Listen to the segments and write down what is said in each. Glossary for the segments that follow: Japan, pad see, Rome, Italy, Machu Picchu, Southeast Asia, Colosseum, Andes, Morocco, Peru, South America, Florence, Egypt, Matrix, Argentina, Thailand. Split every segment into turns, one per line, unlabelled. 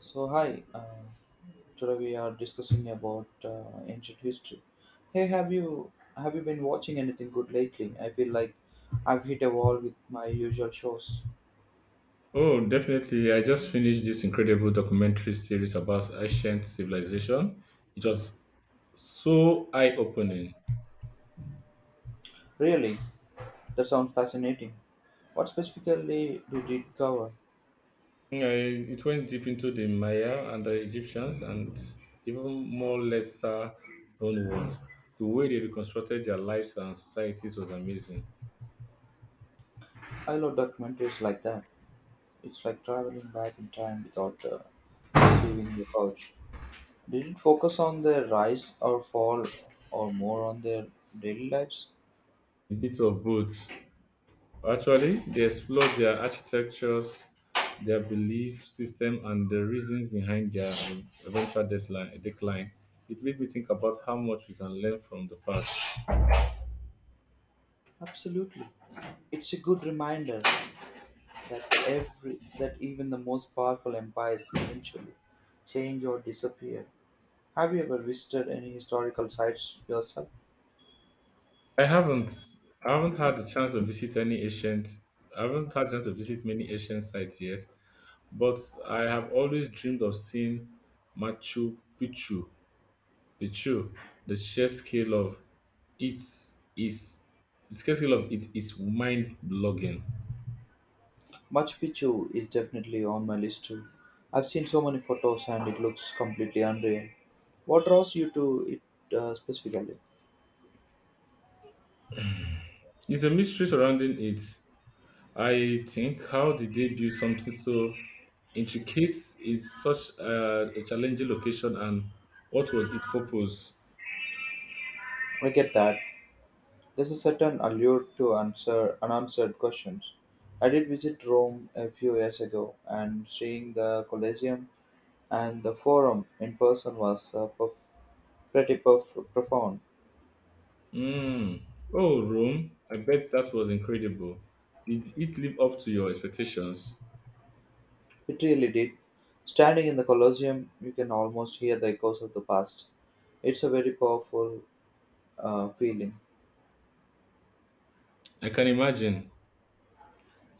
So hi, today we are discussing about ancient history. Hey, have you been watching anything good lately? I feel like I've hit a wall with my usual shows.
Oh, definitely. I just finished this incredible documentary series about ancient civilization. It was so eye-opening.
Really, that sounds fascinating. What specifically did it cover?
It went deep into the Maya and the Egyptians and even more lesser known ones. The way they reconstructed their lives and societies was amazing.
I love documentaries like that. It's like traveling back in time without leaving the couch. Did it focus on their rise or fall, or more on their daily lives?
A bit of both. Actually, they explore their architectures, their belief system, and the reasons behind their eventual decline. It made me think about how much we can learn from the past.
Absolutely. It's a good reminder that even the most powerful empires eventually change or disappear. Have you ever visited any historical sites yourself?
I haven't, I haven't had the chance to visit any ancient. I haven't had the chance to visit many ancient sites yet, but I have always dreamed of seeing Machu Picchu. The sheer scale of it is the scale of it is mind blogging.
Machu Picchu is definitely on my list too. I've seen so many photos and it looks completely unreal. What draws you to it specifically?
It's a mystery surrounding it. I think how did they build something so intricate in such a challenging location and what was its purpose?
I get that. There's a certain allure to answer unanswered questions. I did visit Rome a few years ago and seeing the Colosseum and the forum in person was pretty profound.
Mm. Oh, Rome, I bet that was incredible. Did it live up to your expectations?
It really did. Standing in the Colosseum, you can almost hear the echoes of the past. It's a very powerful feeling.
I can imagine.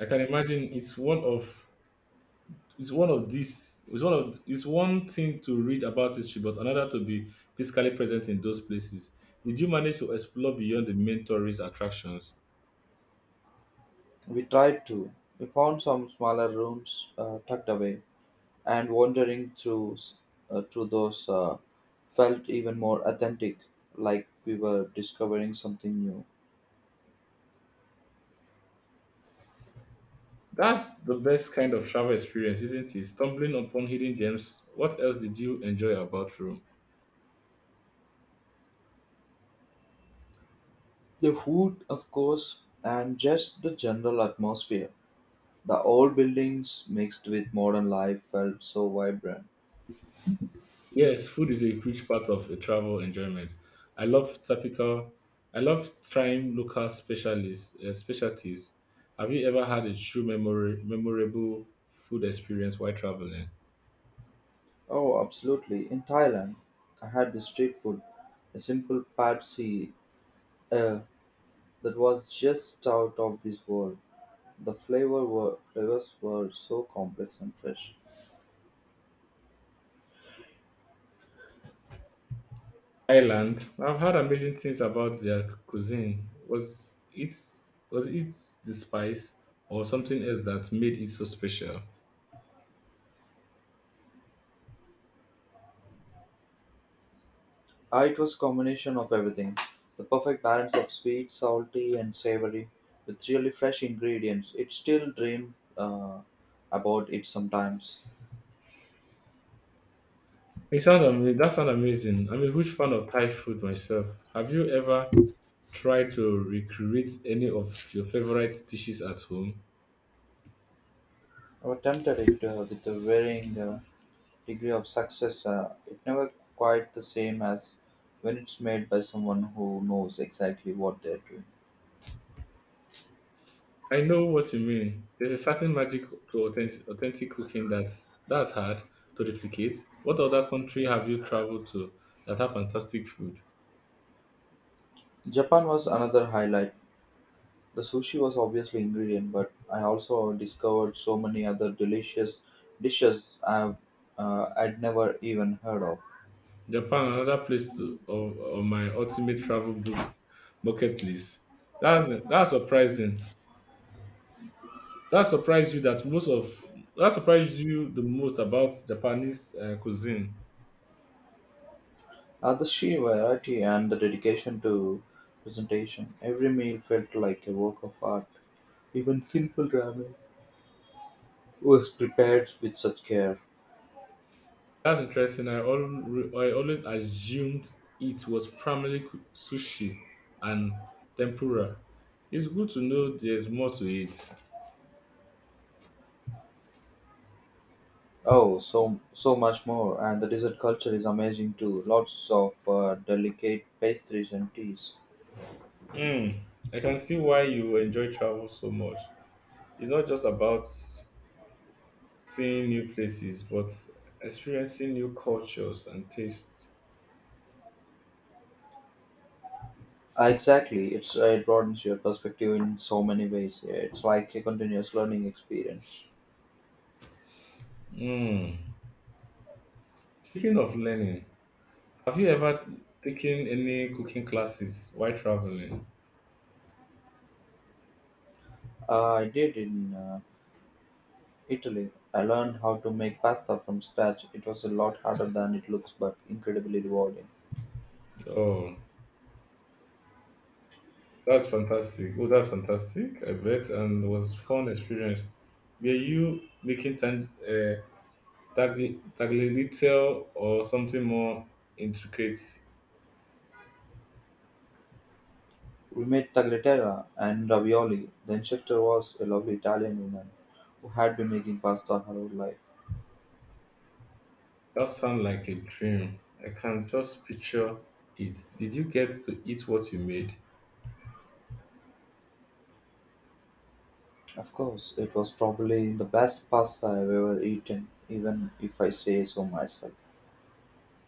I can imagine it's one of these it's one of it's one thing to read about history, but another to be physically present in those places. Did you manage to explore beyond the main tourist attractions?
We tried to. We found some smaller rooms tucked away, and wandering through through those felt even more authentic, like we were discovering something new.
That's the best kind of travel experience, isn't it? Stumbling upon hidden gems. What else did you enjoy about Rome?
The food, of course, and just the general atmosphere. The old buildings mixed with modern life felt so vibrant.
Yes, food is a huge part of a travel enjoyment. I love typical. I love trying local specialties. Have you ever had a memorable food experience while traveling?
Oh, absolutely. In Thailand, I had this street food, a simple pad see uh, that was just out of this world. The flavors were so complex and fresh.
Thailand. I've heard amazing things about their cuisine. Was it the spice or something else that made it so special?
Ah, it was combination of everything. The perfect balance of sweet, salty, and savory with really fresh ingredients. It still dream about it sometimes.
It sounds amazing. That sounds amazing. I'm a huge fan of Thai food myself. Have you ever tried to recreate any of your favorite dishes at home?
I was tempted it with the varying degree of success, it never quite the same as when it's made by someone who knows exactly what they're doing.
I know what you mean. There's a certain magic to authentic cooking that's hard to replicate. What other country have you traveled to that have fantastic food?
Japan was another highlight. The sushi was obviously ingredient, but I also discovered so many other delicious dishes I'd never even heard of.
Japan, another place of my ultimate travel book bucket list. That's surprising. That surprised you that most of that surprised you the most about Japanese cuisine.
The sheer variety and the dedication to presentation. Every meal felt like a work of art. Even simple ramen was prepared with such care.
That's interesting. I always assumed it was primarily sushi and tempura. It's good to know there's more to it.
Oh, so much more, and the dessert culture is amazing too. Lots of delicate pastries and teas.
Mm, I can see why you enjoy travel so much. It's not just about seeing new places, but experiencing new cultures and tastes.
Exactly, it's it broadens your perspective in so many ways. It's like a continuous learning experience.
Mm. Speaking of learning, have you ever taken any cooking classes while traveling?
I did in Italy. I learned how to make pasta from scratch. It was a lot harder than it looks, but incredibly rewarding.
Oh, Oh, that's fantastic. I bet. And it was fun experience. Were you making tagliatelle or something more intricate?
We made tagliatella and ravioli. The instructor was a lovely Italian woman who had been making pasta her whole life.
That sounds like a dream. I can just picture it. Did you get to eat what you made?
Of course, it was probably the best pasta I've ever eaten, even if I say so myself.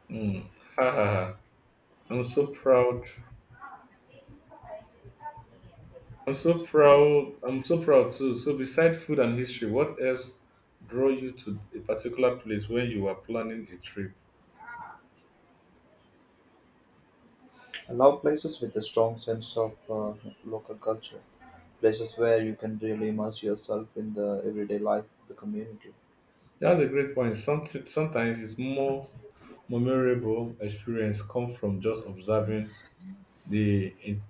Hmm. Ha ha ha. I'm so proud I'm so proud too. So, beside food and history, what else draw you to a particular place when you are planning a trip?
I love places with a strong sense of local culture, places where you can really immerse yourself in the everyday life of the community.
That's a great point. Something Sometimes it's more memorable experience come from just observing the in-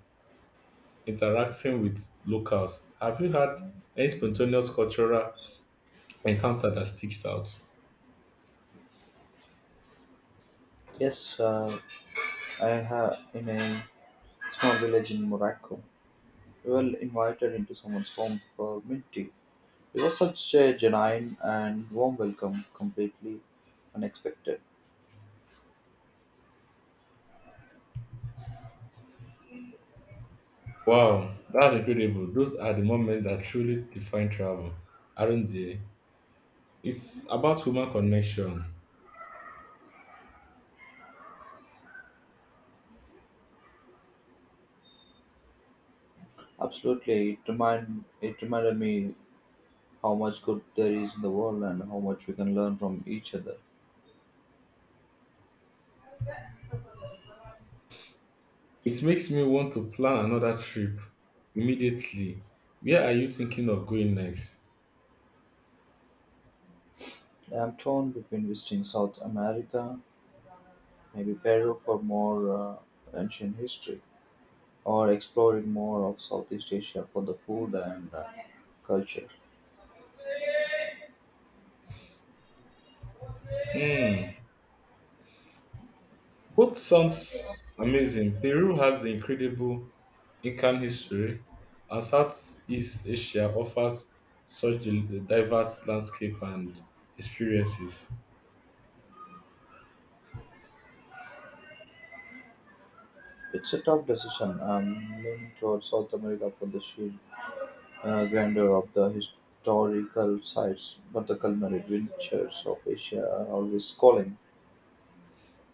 interacting with locals. Have you had any spontaneous cultural encounter that sticks out?
Yes, I have in a small village in Morocco. We were invited into someone's home for mint tea. It was such a genuine and warm welcome, completely unexpected.
Wow, that's incredible. Those are the moments that truly define travel, aren't they? It's about human connection.
Absolutely, it remind it reminded me how much good there is in the world and how much we can learn from each other.
It makes me want to plan another trip immediately. Where are you thinking of going next?
I'm torn between visiting South America, maybe Peru for more ancient history, or exploring more of Southeast Asia for the food and culture.
Hmm, both sounds amazing. Peru has the incredible Incan history, and Southeast Asia offers such a diverse landscape and experiences.
It's a tough decision. I'm leaning towards South America for the sheer grandeur of the historical sites, but the culinary adventures of Asia are always calling.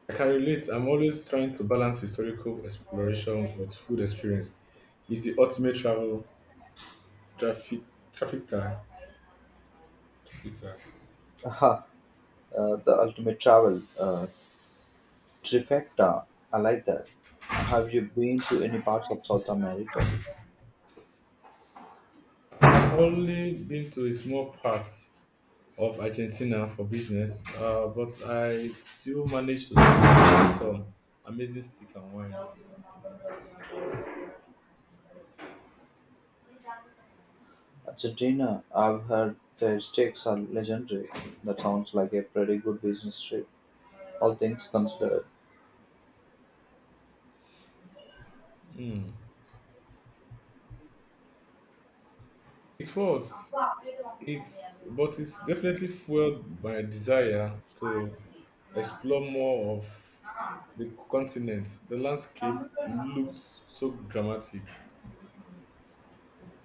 I can relate. I'm always trying to balance historical exploration with food experience. It's the ultimate travel traffic trafficker.
Aha, the ultimate travel Trifecta! I like that. Have you been to any parts of South America?
Only been to a small part of Argentina for business, but I do manage to squeeze in some amazing stick and wine.
Argentina, I've heard their steaks are legendary. That sounds like a pretty good business trip, all things considered.
Mm. It was, but it's definitely fueled my desire to explore more of the continent. The landscape looked so dramatic.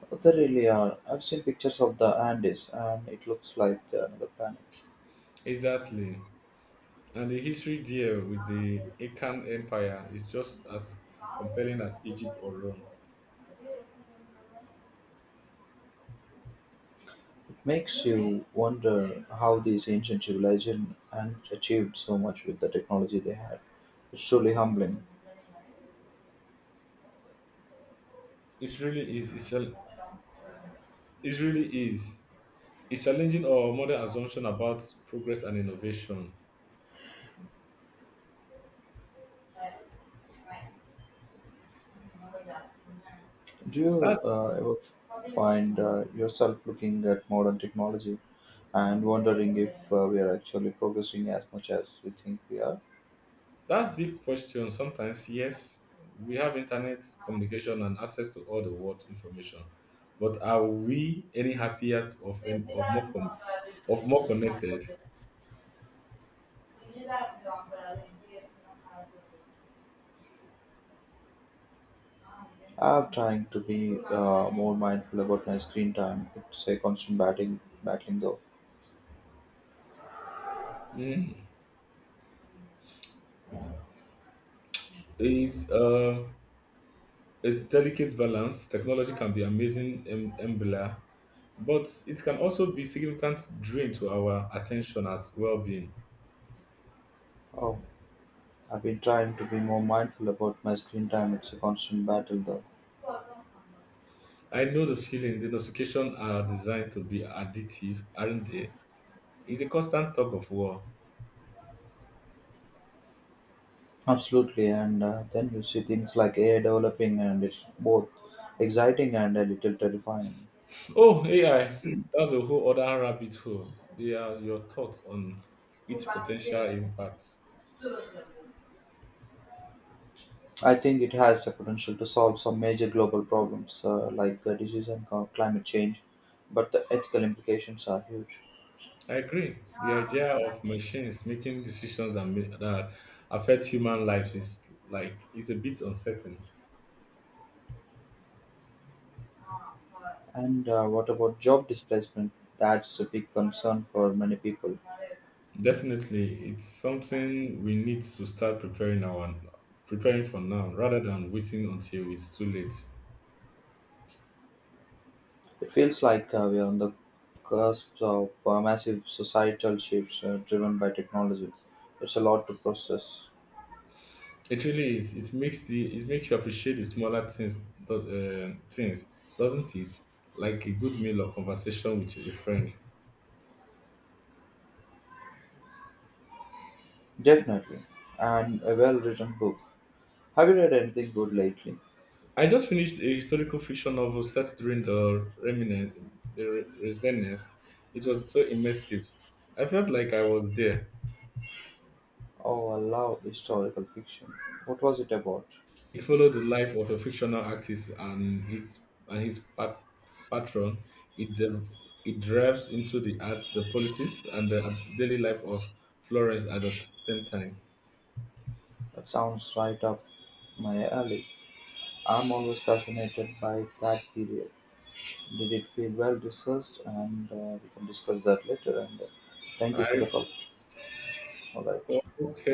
But they really are. I've seen pictures of the Andes and it looks like another planet.
Exactly. And the history there with the Incan Empire is just as compelling as Egypt or Rome.
It makes you wonder how these ancient civilizations and achieved so much with the technology they had. It's truly humbling.
It really is. It, shall, it really is. It's challenging our modern assumption about progress and innovation.
Do
That,
you ever find yourself looking at modern technology and wondering if we are actually progressing as much as we think we are?
that's deep question. Sometimes, yes, we have internet communication and access to all the world information, but are we any happier of more connected?
I'm trying to be more mindful about my screen time. It's a constant battling though.
Mm. It's uh, it's delicate balance. Technology can be amazing enabler, but it can also be significant drain to our attention as well-being.
Oh, I've been trying to be more mindful about my screen time. It's a constant battle though.
I know the feeling. The notifications are designed to be addictive, aren't they? It's a constant tug of war.
Absolutely, and then you see things like AI developing, and it's both exciting and a little terrifying.
Oh, AI. That's a whole other rabbit hole. They are your thoughts on its potential impacts.
I think it has the potential to solve some major global problems like disease and climate change, but the ethical implications are huge.
I agree. The idea of machines making decisions that affect human lives is like it's a bit uncertain.
And what about job displacement? That's a big concern for many people.
Definitely, it's something we need to start preparing for now rather than waiting until it's too late.
It feels like we are on the cusp of massive societal shifts driven by technology. It's a lot to process.
It really is. It makes you appreciate the smaller things, doesn't it? Like a good meal or conversation with a friend.
Definitely. And a well written book. Have you read anything good lately?
I just finished a historical fiction novel set during the resistance. It was so immersive. I felt like I was there.
Oh, I love historical fiction. What was it about?
It followed the life of a fictional artist and his patron. It de- it delves into the arts, the politics, and the daily life of Florence at the same time.
That sounds right up my alley. I'm always fascinated by that period. Did it feel well researched? And we can discuss that later. And thank you for the
I.
call. All right.
Oh, okay.